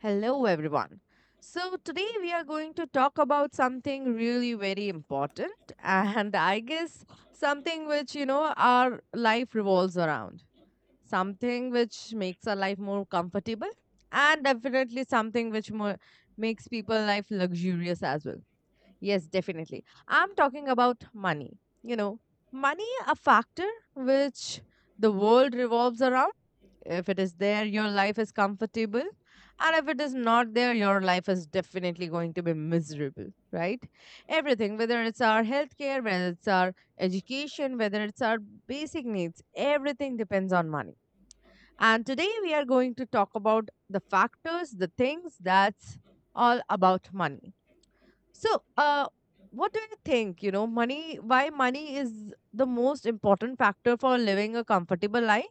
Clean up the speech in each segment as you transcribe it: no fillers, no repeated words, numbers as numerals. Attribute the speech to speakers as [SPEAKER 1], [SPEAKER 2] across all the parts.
[SPEAKER 1] Hello, everyone. So, today we are going to talk about something really very important, and I guess something which, you know, our life revolves around, something which makes our life more comfortable, and definitely something which more makes people life luxurious as well. Yes, definitely. I'm talking about money. You know, money, a factor which the world revolves around if it is there, your life is comfortable. And if it is not there, your life is definitely going to be miserable, right? Everything, whether it's our healthcare, whether it's our education, whether it's our basic needs, everything depends on money. And today we are going to talk about the factors, the things that's all about money. So, what do you think? You know, money, why money is the most important factor for living a comfortable life?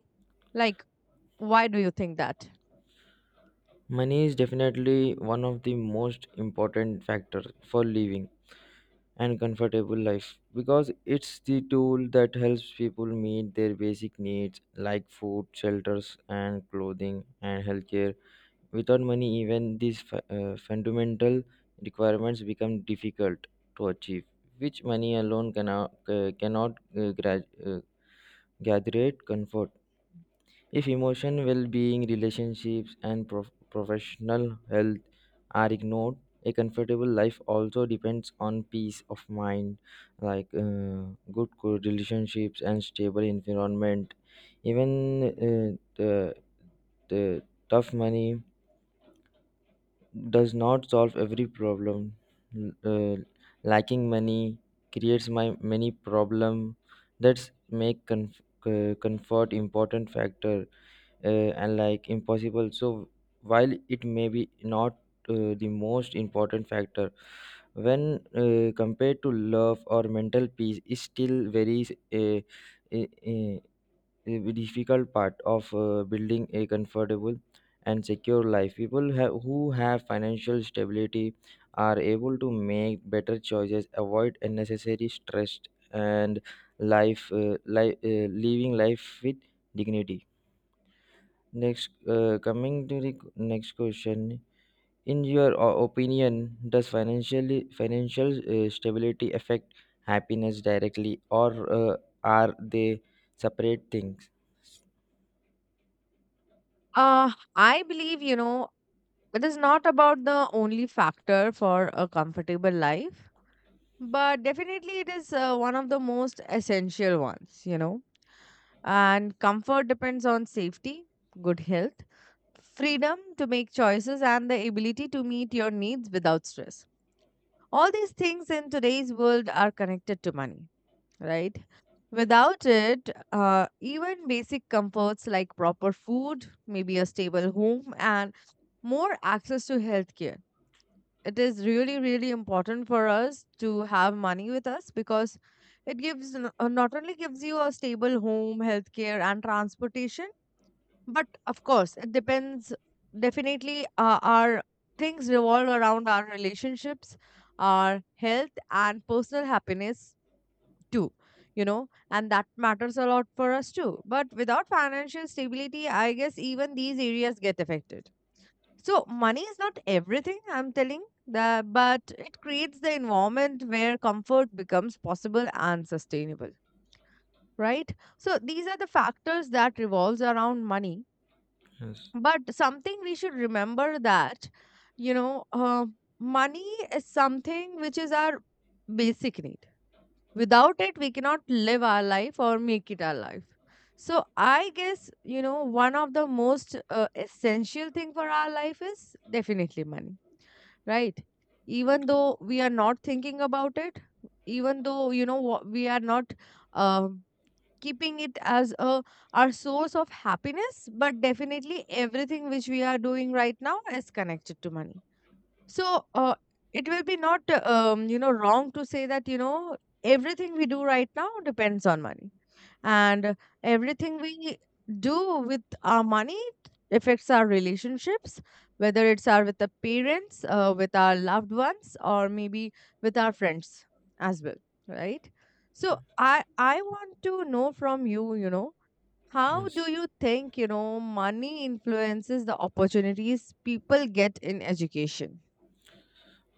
[SPEAKER 1] Like, why do you think that?
[SPEAKER 2] Money is definitely one of the most important factors for living and comfortable life because it's the tool that helps people meet their basic needs like food, shelters, and clothing and healthcare. Without money, even these fundamental requirements become difficult to achieve, which money alone cannot gather comfort. If emotion, well being, relationships, and professional health are ignored, a comfortable life also depends on peace of mind, like uh, good relationships and stable environment. Even uh, the, the tough money does not solve every problem. L- Uh, Lacking money creates my many problem. That's make comfort important factor and like impossible, so while it may be not the most important factor when compared to love or mental peace, is still very uh, uh, uh, difficult part of building a comfortable and secure life. People have, who have financial stability are able to make better choices, avoid unnecessary stress, and living life with dignity. Next, coming to the next question, in your opinion, does financial stability affect happiness directly, or are they separate things?
[SPEAKER 1] I believe, you know, it is not about the only factor for a comfortable life, but definitely it is one of the most essential ones, you know. And comfort depends on safety, good health, freedom to make choices, and the ability to meet your needs without stress. All these things in today's world are connected to money, right? Without it, even basic comforts like proper food, maybe a stable home, and more access to healthcare. It is really, really important for us to have money with us because it gives not only gives you a stable home, healthcare, and transportation but of course, it depends. Definitely, our things revolve around our relationships, our health, and personal happiness too. You know, and that matters a lot for us too. But without financial stability, I guess even these areas get affected. So, money is not everything, I'm telling that, but it creates the environment where comfort becomes possible and sustainable, right? So, these are the factors that revolves around money
[SPEAKER 2] Yes.
[SPEAKER 1] but something we should remember that, you know, uh, money is something which is our basic need. Without it, we cannot live our life or make it our life. So I guess, you know, one of the most essential thing for our life is definitely money, right? Even though we are not thinking about it, even though, you know, we are not um keeping it as a our source of happiness but definitely everything which we are doing right now is connected to money so it will be not you know wrong to say that you know everything we do right now depends on money and everything we do with our money affects our relationships whether it's our with the parents with our loved ones or maybe with our friends as well, right? So I want to know from you, you know, how
[SPEAKER 2] Yes.
[SPEAKER 1] do you think, you know, money influences the opportunities people get in education?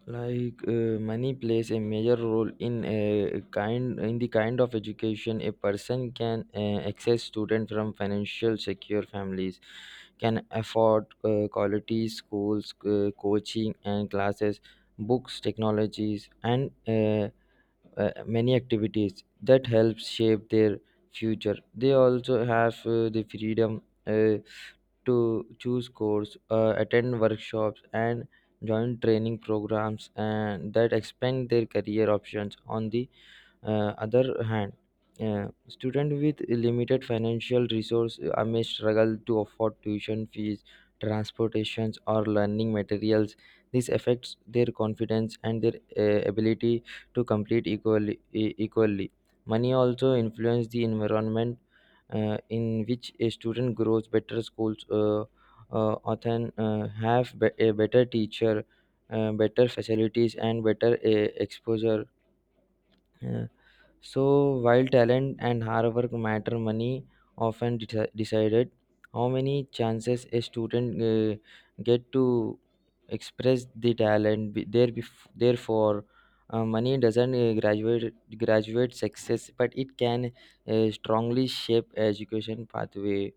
[SPEAKER 2] money plays a major role in a kind in the kind of education a person can access. Students from financial secure families can afford quality schools, coaching and classes, books, technologies, and many activities that help shape their future. They also have the freedom uh, to choose course, attend workshops, and join training programs, and that expand their career options. On the other hand, students with limited financial resource may struggle to afford tuition fees, transportations, or learning materials. This affects their confidence and their ability to complete equally. Money also influence the environment in which a student grows. Better schools often have a better teacher, better facilities, and better exposure. Uh, so, while talent and hard work matter, money often decided how many chances a student get to express the talent. Therefore, money doesn't graduate success, but it can strongly shape education pathway.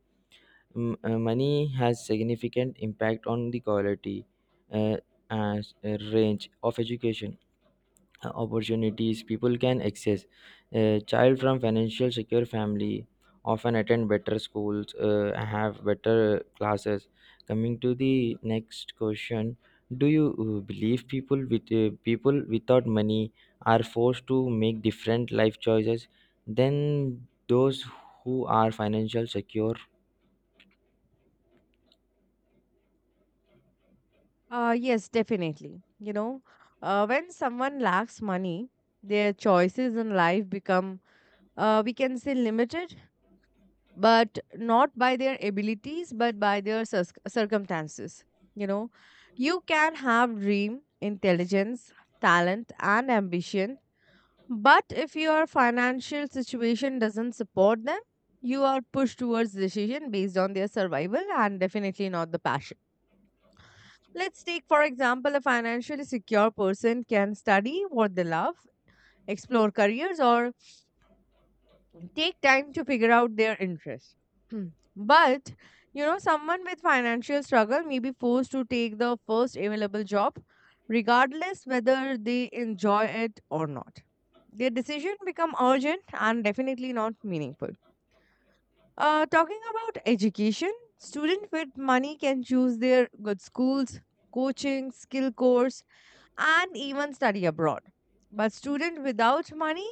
[SPEAKER 2] Money has significant impact on the quality uh, and range of education opportunities people can access. A child from financial secure family often attend better schools, have better classes. Coming to the next question, do you believe people without money are forced to make different life choices than those who are financial secure?
[SPEAKER 1] Yes, definitely. You know, when someone lacks money, their choices in life become, we can say, limited, but not by their abilities, but by their circumstances. You know, you can have dream, intelligence, talent, and ambition, but if your financial situation doesn't support them, you are pushed towards decision based on their survival and definitely not the passion. Let's take, for example, a financially secure person can study what they love, explore careers, or take time to figure out their interests. Hmm. But, you know, someone with financial struggle may be forced to take the first available job, regardless whether they enjoy it or not. Their decision become urgent and definitely not meaningful. Talking about education, student with money can choose their good schools, coaching, skill course, and even study abroad. But students without money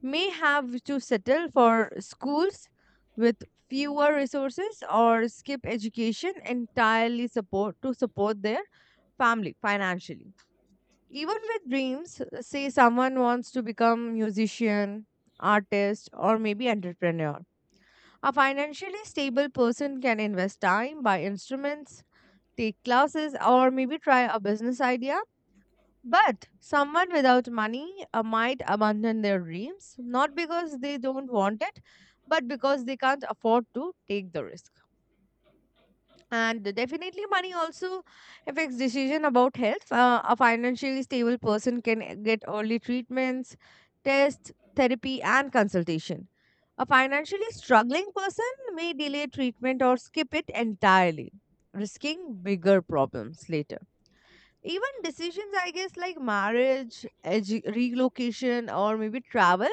[SPEAKER 1] may have to settle for schools with fewer resources or skip education entirely support to support their family financially. Even with dreams, say someone wants to become musician, artist, or maybe entrepreneur. A financially stable person can invest time, buy instruments, take classes, or maybe try a business idea but someone without money might abandon their dreams, not because they don't want it, but because they can't afford to take the risk. And definitely, money also affects decision about health. A financially stable person can get early treatments, tests, therapy, and consultation. A financially struggling person may delay treatment or skip it entirely, risking bigger problems later. Even decisions, I guess, like marriage, relocation, or maybe travel,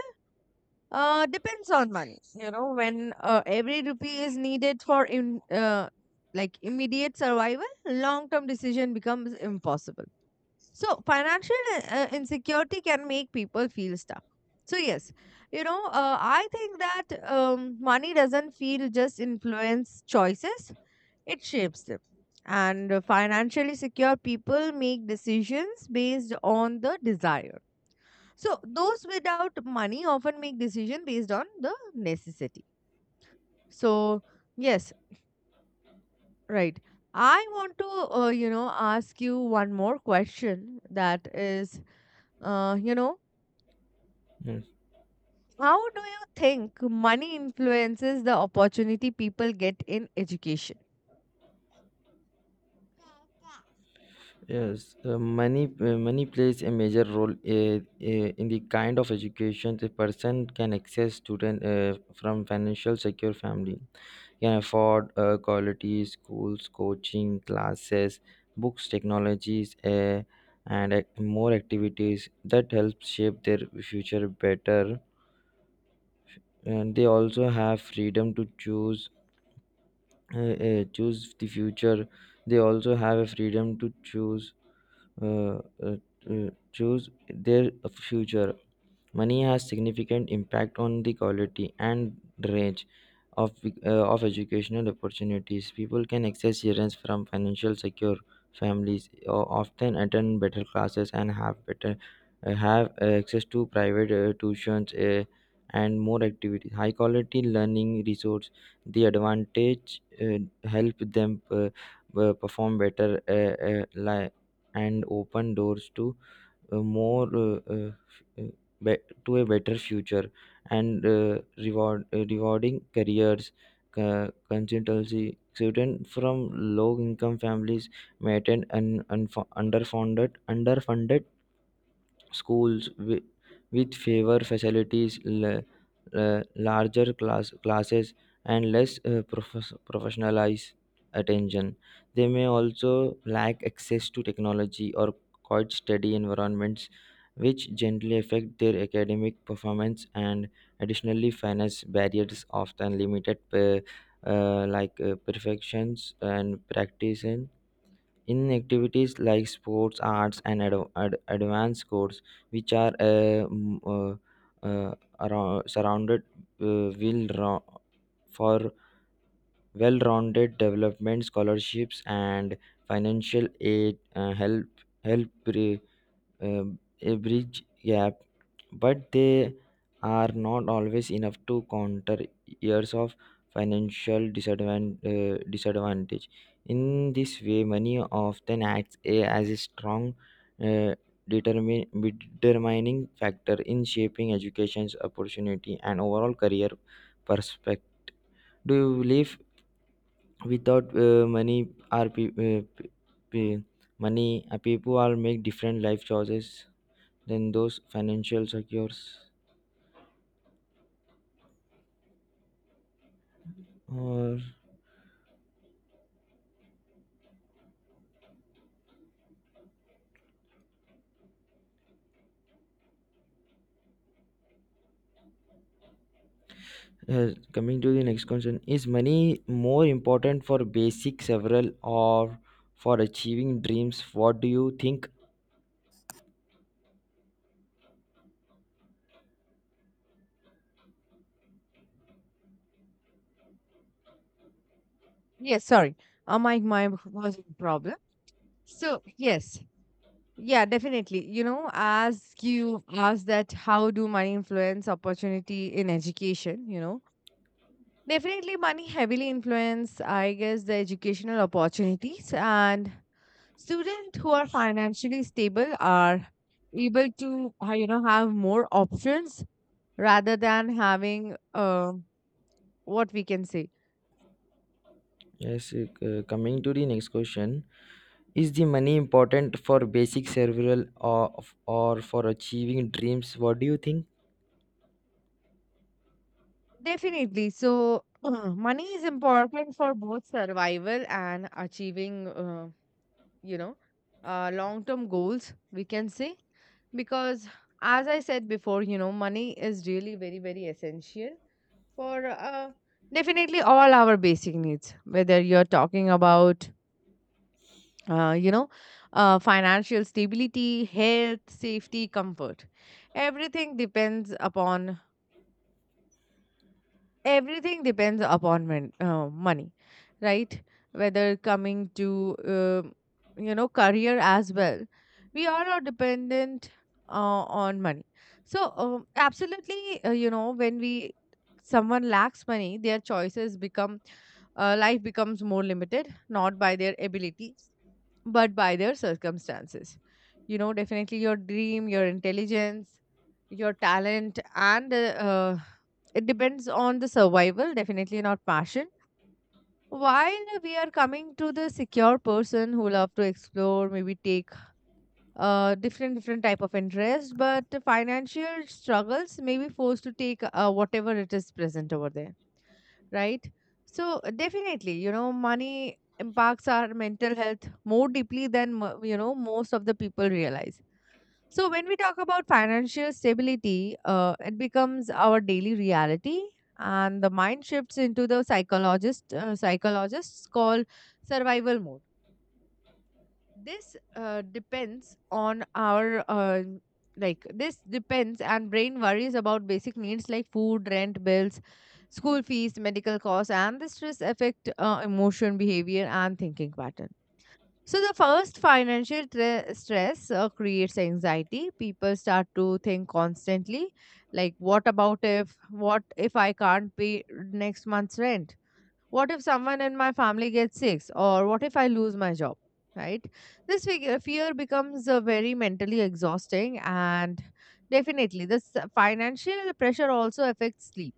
[SPEAKER 1] depends on money. You know, when every rupee is needed for in like immediate survival, long-term decision becomes impossible. So financial insecurity can make people feel stuck. So yes, you know, I think that money doesn't feel just influence choices. It shapes them. And financially secure people make decisions based on the desire. So those without money often make decision based on the necessity. So yes, right. I want to you know ask you one more question that is you know
[SPEAKER 2] Hmm.
[SPEAKER 1] how do you think money influences the opportunity people get in education?
[SPEAKER 2] Yes, money plays a major role, in the kind of education a person can access. Student from financial secure family can afford quality schools, coaching classes, books, technologies, and more activities that help shape their future better. And they also have freedom to choose the future. They also have a freedom to choose uh, uh, choose their future. Money has significant impact on the quality and range of, of educational opportunities. People can access grants from financial secure families, often attend better classes, and have better, have access to private tuitions, and more activities. High quality learning resource. The advantage help them perform better, and open doors to uh, more uh, uh, uh, be- to a better future and rewarding careers. Consultancy Students from low income families may attend underfunded schools with favor facilities, larger classes, and less professionalized attention. They may also lack access to technology or quite steady environments, which generally affect their academic performance. And additionally, finance barriers often limited. Perfections and practice in activities like sports, arts, and advanced sports, which are surrounded uh, will ro- for well-rounded development. Scholarships and financial aid help help pre- uh, a bridge gaps, but they are not always enough to counter years of disadvantage. In this way, money often acts as a strong uh, determin- determining factor in shaping education's opportunity and overall career perspective. Do you believe without money, are pe- pe- pe- money people are make different life choices than those financial secures? Or coming to the next question, is money more important for basic several or for achieving dreams? What do you think?
[SPEAKER 1] Yes, sorry. My was a problem. So yes. Yeah, definitely. You know, ask you ask that how do money influence opportunity in education, you know? Definitely money heavily influence, I guess, the educational opportunities and students who are financially stable are able to you know have more options rather than having what we can say.
[SPEAKER 2] Yes, coming to the next question, is the money important for basic several or for achieving dreams? What do you think?
[SPEAKER 1] Definitely. So, money is important for both survival and achieving, you know, long term goals, we can say. Because, as I said before, you know, money is really very, very essential for definitely all our basic needs, whether you're talking about, you know, financial stability, health, safety, comfort. Everything depends upon money, right? Whether coming to you know career as well, we are all dependent on money. So absolutely you know when we someone lacks money their choices become life becomes more limited, not by their abilities but by their circumstances. You know, definitely your dream, your intelligence, your talent and it depends on the survival, definitely not passion. While we are coming to the secure person who love to explore, maybe take different different type of interest but the financial struggles may be forced to take whatever it is present over there, right? So definitely, you know, money impacts our mental health more deeply than you know most of the people realize. So when we talk about financial stability, it becomes our daily reality, and the mind shifts into the psychologists call survival mode. This depends on our like this depends and brain worries about basic needs like food, rent, bills, school fees, medical costs, and the stress affect emotion, behavior and thinking pattern. So the first financial stress creates anxiety. People start to think constantly, like what if I can't pay next month's rent, what if someone in my family gets sick? Or what if I lose my job? Right? This fear becomes very mentally exhausting, and definitely, this financial pressure also affects sleep.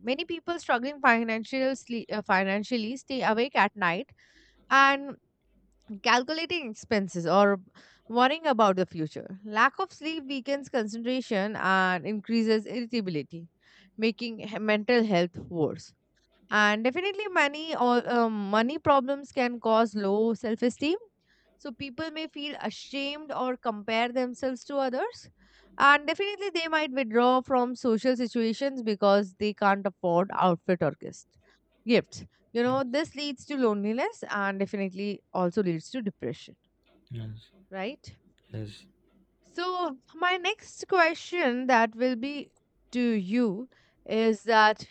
[SPEAKER 1] Many people struggling financially stay awake at night and calculating expenses or worrying about the future. Lack of sleep weakens concentration and increases irritability, making mental health worse. And definitely, money problems can cause low self-esteem. So people may feel ashamed or compare themselves to others. And definitely, they might withdraw from social situations because they can't afford outfit or gifts. Gifts, you
[SPEAKER 2] Yes,
[SPEAKER 1] know, this leads to loneliness and definitely also leads to depression,
[SPEAKER 2] yes.
[SPEAKER 1] right?
[SPEAKER 2] Yes.
[SPEAKER 1] So my next question that will be to you is that,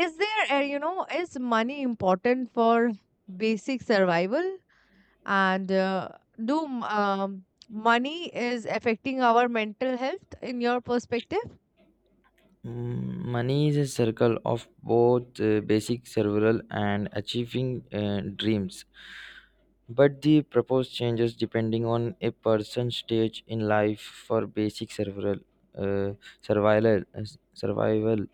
[SPEAKER 1] is there, you know, is money important for basic survival? And money is affecting our mental health in your perspective?
[SPEAKER 2] Mm, money is a circle of both basic survival and achieving dreams, but the purpose changes depending on a person's stage in life. For basic survival, uh, survival, uh, survival,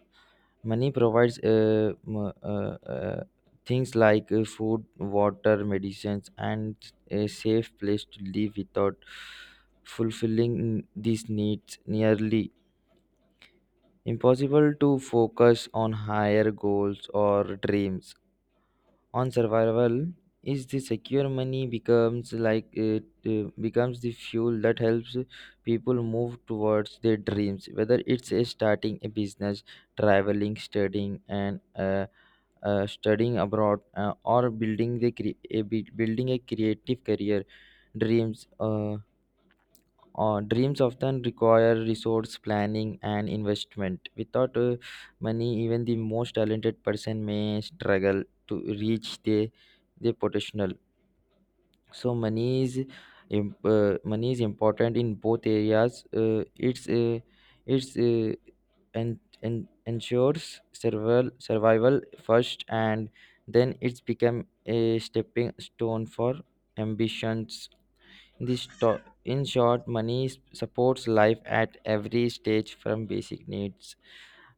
[SPEAKER 2] money provides things like food, water, medicines, and a safe place to live. Without fulfilling these needs, nearly impossible to focus on higher goals or dreams. On survival, is the secure money becomes like it becomes the fuel that helps people move towards their dreams. Whether it's a starting a business, traveling, studying, and studying abroad, or building the building a creative career, dreams. Dreams often require resource planning and investment. Without money, even the most talented person may struggle to reach their potential. So money is important in both areas. It's uh, it's And ensures survival first, and then it's become a stepping stone for ambitions. In short, money supports life at every stage from basic needs.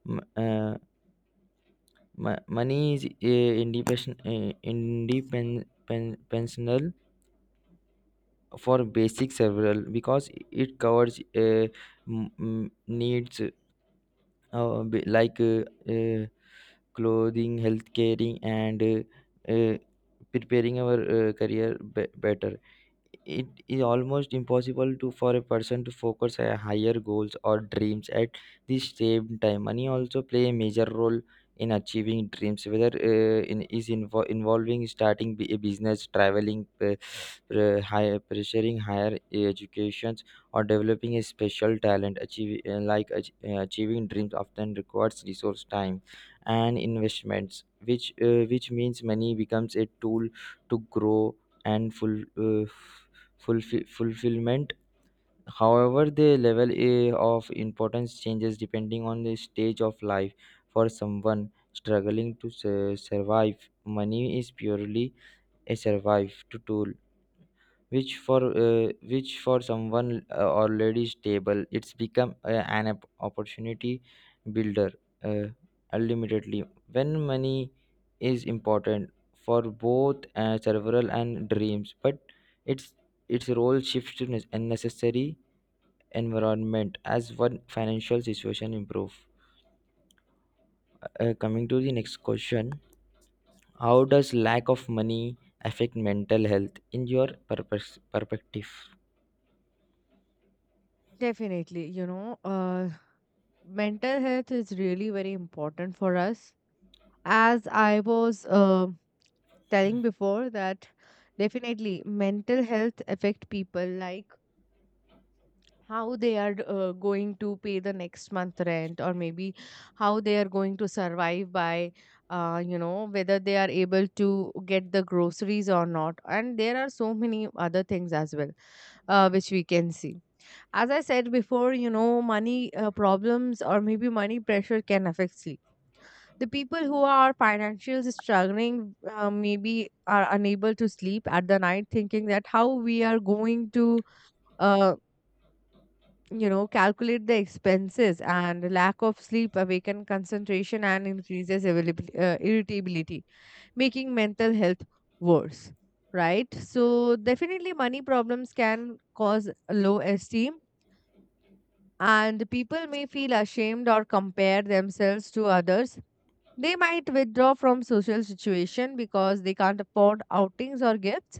[SPEAKER 2] M- uh, Money is independent for basic several because it covers needs uh, b- like uh, uh, clothing, health caring, and uh, preparing our career better. It is almost impossible to for a person to focus on higher goals or dreams at the same time. Money also play a major role in achieving dreams, whether involving starting a business, traveling, higher pursuing higher educations or developing a special talent. Achieving dreams often requires resource, time, and investments, which means money becomes a tool to grow and fulfillment. However, the level of importance changes depending on the stage of life. For someone struggling to survive, money is purely a survive to tool, which for which for someone already stable, it's become opportunity builder. uh, Ultimately, when money is important for both several and dreams, but its its role shifts to unnecessary environment as one financial situation improve. Coming to the next question, how does lack of money affect mental health in your perspective?
[SPEAKER 1] Definitely, you know, mental health is really very important for us. As I was telling before that definitely mental health affect people, like how they are going to pay the next month rent or maybe how they are going to survive by you know whether they are able to get the groceries or not, and there are so many other things as well which we can see. As I said before, you know, money problems or maybe money pressure can affect sleep. The people who are financially struggling maybe are unable to sleep at the night thinking that how we are going to uh, you know calculate the expenses, and lack of sleep awaken concentration and increases irritability, making mental health worse, right? So definitely money problems can cause low esteem, and people may feel ashamed or compare themselves to others. They might withdraw from social situation because they can't afford outings or gifts.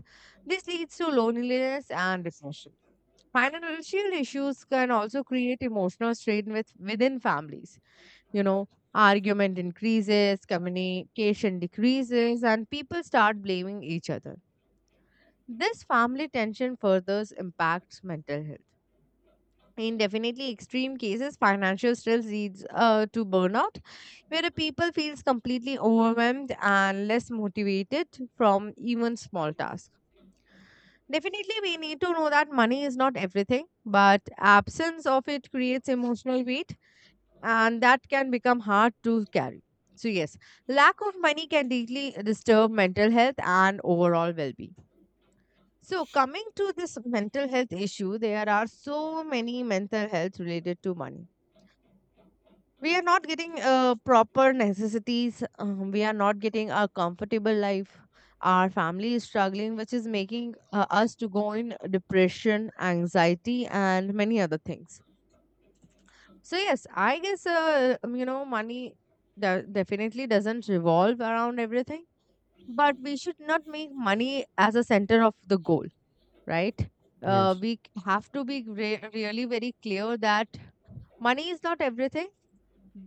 [SPEAKER 1] This leads to loneliness and depression. Financial issues can also create emotional strain within families. Argument increases, communication decreases, and people start blaming each other. This family tension further impacts mental health. In definitely extreme cases, financial stress leads to burnout, where the people feels completely overwhelmed and less motivated from even small tasks. Definitely, we need to know that money is not everything, but absence of it creates emotional weight, and that can become hard to carry. So yes, lack of money can deeply disturb mental health and overall well-being. So coming to this mental health issue, there are so many mental health related to money. We are not getting proper necessities. We are not getting a comfortable life. Our family is struggling, which is making us to go in depression, anxiety, and many other things. So yes, I guess money definitely doesn't revolve around everything, but we should not make money as a center of the goal, right?
[SPEAKER 2] Yes.
[SPEAKER 1] We have to be really very clear that money is not everything,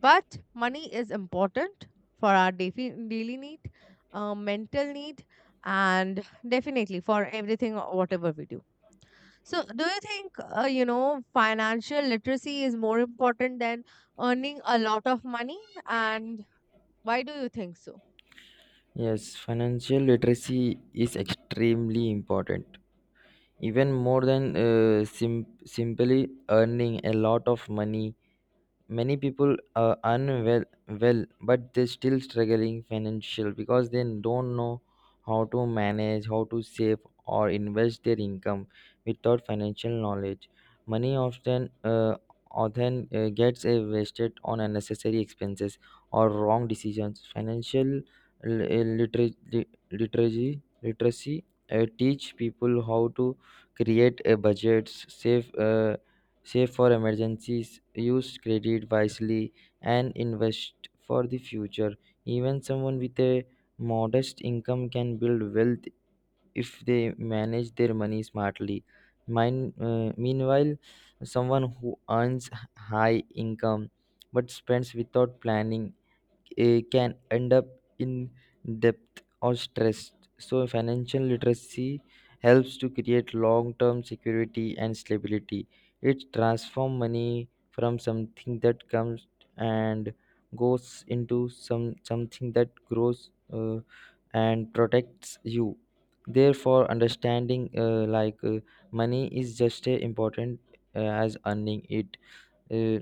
[SPEAKER 1] but money is important for our daily need, mental need, and definitely for everything, or whatever we do. So, do you think, financial literacy is more important than earning a lot of money? And why do you think so?
[SPEAKER 2] Yes, financial literacy is extremely important, even more than simply earning a lot of money. Many people are unwell well but they're still struggling financial because they don't know how to manage, how to save, or invest their income. Without financial knowledge, money often gets wasted on unnecessary expenses or wrong decisions. Financial literacy teach people how to create a budget, save for emergencies, use credit wisely, and invest for the future. Even someone with a modest income can build wealth if they manage their money smartly. Meanwhile, someone who earns high income but spends without planning can end up in debt or stress. So, financial literacy helps to create long term security and stability. It transforms money from something that comes and goes into something that grows and protects you. Therefore, understanding money is just as important as earning it. Uh,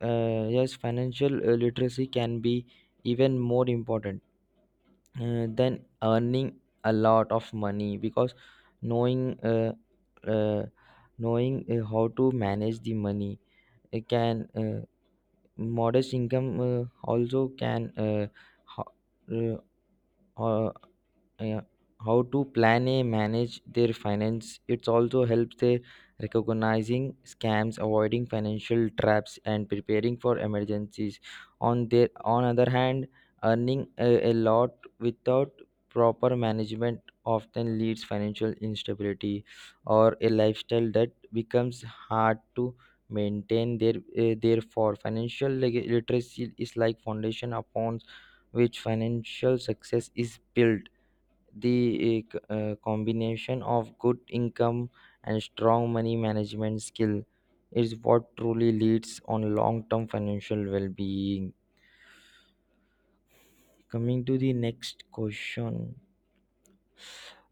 [SPEAKER 2] yes, financial literacy can be even more important than earning a lot of money, because knowing uh, uh, knowing how to manage the money, it can modest income also can, ho- uh, uh, how to plan a manage their finance. It also helps they recognizing scams, avoiding financial traps, and preparing for emergencies. On their, on other hand, earning a lot without proper management often leads financial instability or a lifestyle that becomes hard to maintain. Therefore, financial literacy is like foundation upon which financial success is built. The combination of good income and strong money management skill is what truly leads on long-term financial well-being. Coming to the next question,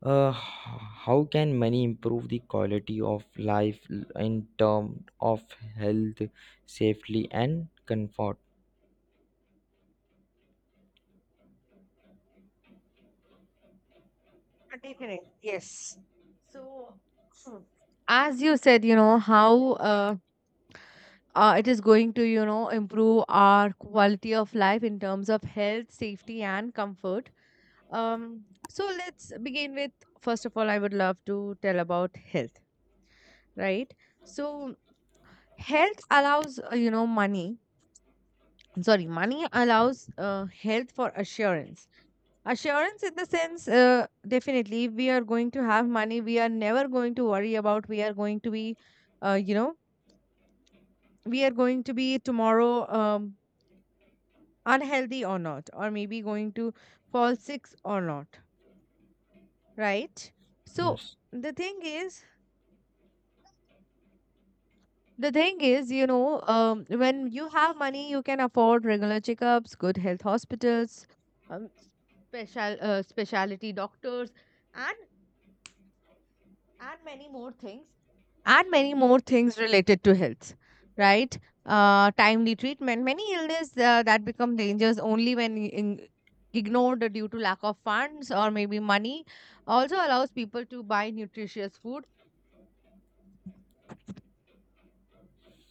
[SPEAKER 2] uh, h- how can money improve the quality of life in terms of health, safety, and comfort?
[SPEAKER 1] Definitely. Yes. So, hmm, as you said, how it is going to, improve our quality of life in terms of health, safety, and comfort. So let's begin with, first of all, I would love to tell about health, right? So health allows you know money. I'm sorry, money allows health for assurance. Assurance in the sense, definitely, we are going to have money. We are never going to worry about. We are going to be, uh, you know, we are going to be tomorrow unhealthy or not, or maybe going to fall sick or not, right? So
[SPEAKER 2] Yes.
[SPEAKER 1] the thing is the thing is, when you have money, you can afford regular checkups, good health hospitals, um, special specialty doctors, and and many more things, and many more things related to health, right? Timely treatment. Many illnesses that become dangers only when in, ignored due to lack of funds or maybe money, also allows people to buy nutritious food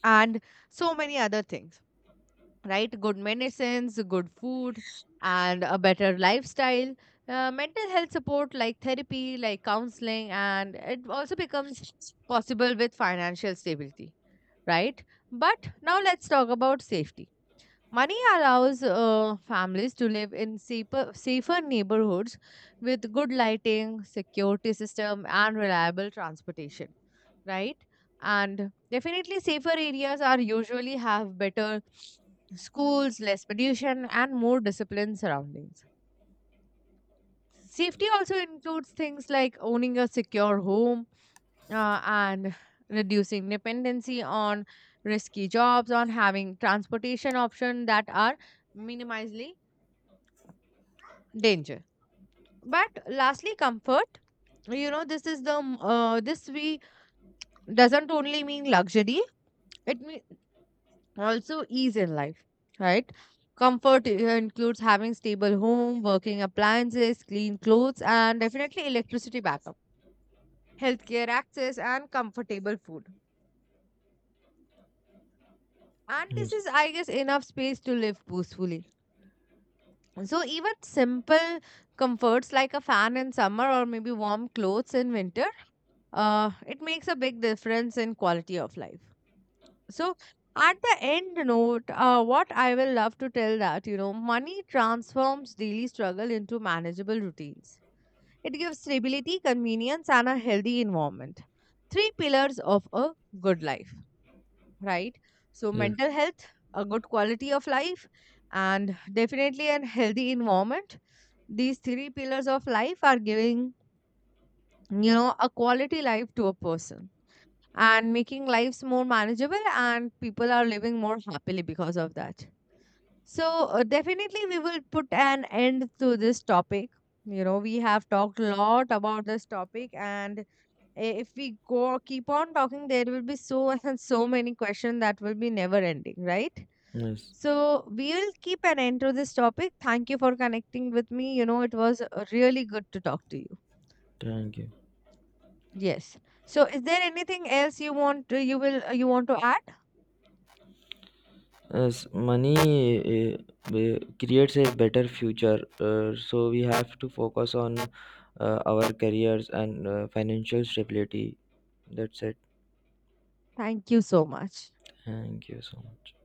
[SPEAKER 1] and so many other things, right? Good medicines, good food, and a better lifestyle. Mental health support like therapy, like counseling, and it also becomes possible with financial stability, right? But now let's talk about safety. Money allows families to live in safer neighborhoods with good lighting, security system, and reliable transportation, right? And definitely, safer areas are usually have better schools, less pollution, and more disciplined surroundings. Safety also includes things like owning a secure home and reducing dependency on risky jobs, on having transportation options that are minimally danger. But lastly, comfort. You know, this is the this we doesn't only mean luxury. It means also ease in life, right? Comfort includes having stable home, working appliances, clean clothes, and definitely electricity backup, healthcare access, and comfortable food. And this
[SPEAKER 2] Yes.
[SPEAKER 1] is, I guess, enough space to live peacefully. So even simple comforts like a fan in summer or maybe warm clothes in winter it makes a big difference in quality of life. So, at the end note, what I will love to tell that, you know, money transforms daily struggle into manageable routines. It gives stability, convenience, and a healthy environment. Three pillars of a good life, right? So,
[SPEAKER 2] Yes.
[SPEAKER 1] mental health, a good quality of life, and definitely a healthy environment. These three pillars of life are giving, you know, a quality life to a person, and making lives more manageable, and people are living more happily because of that. So definitely we will put an end to this topic. You know, we have talked a lot about this topic, and if we go keep on talking, there will be so and so many questions that will be never ending, right?
[SPEAKER 2] Yes.
[SPEAKER 1] So we will keep an end to this topic. Thank you for connecting with me. You know, it was really good to talk to you.
[SPEAKER 2] Thank you.
[SPEAKER 1] Yes, so is there anything else you want to, you want to add?
[SPEAKER 2] As money creates a better future, so we have to focus on our careers and financial stability. That's it.
[SPEAKER 1] Thank you so much.
[SPEAKER 2] Thank you so much.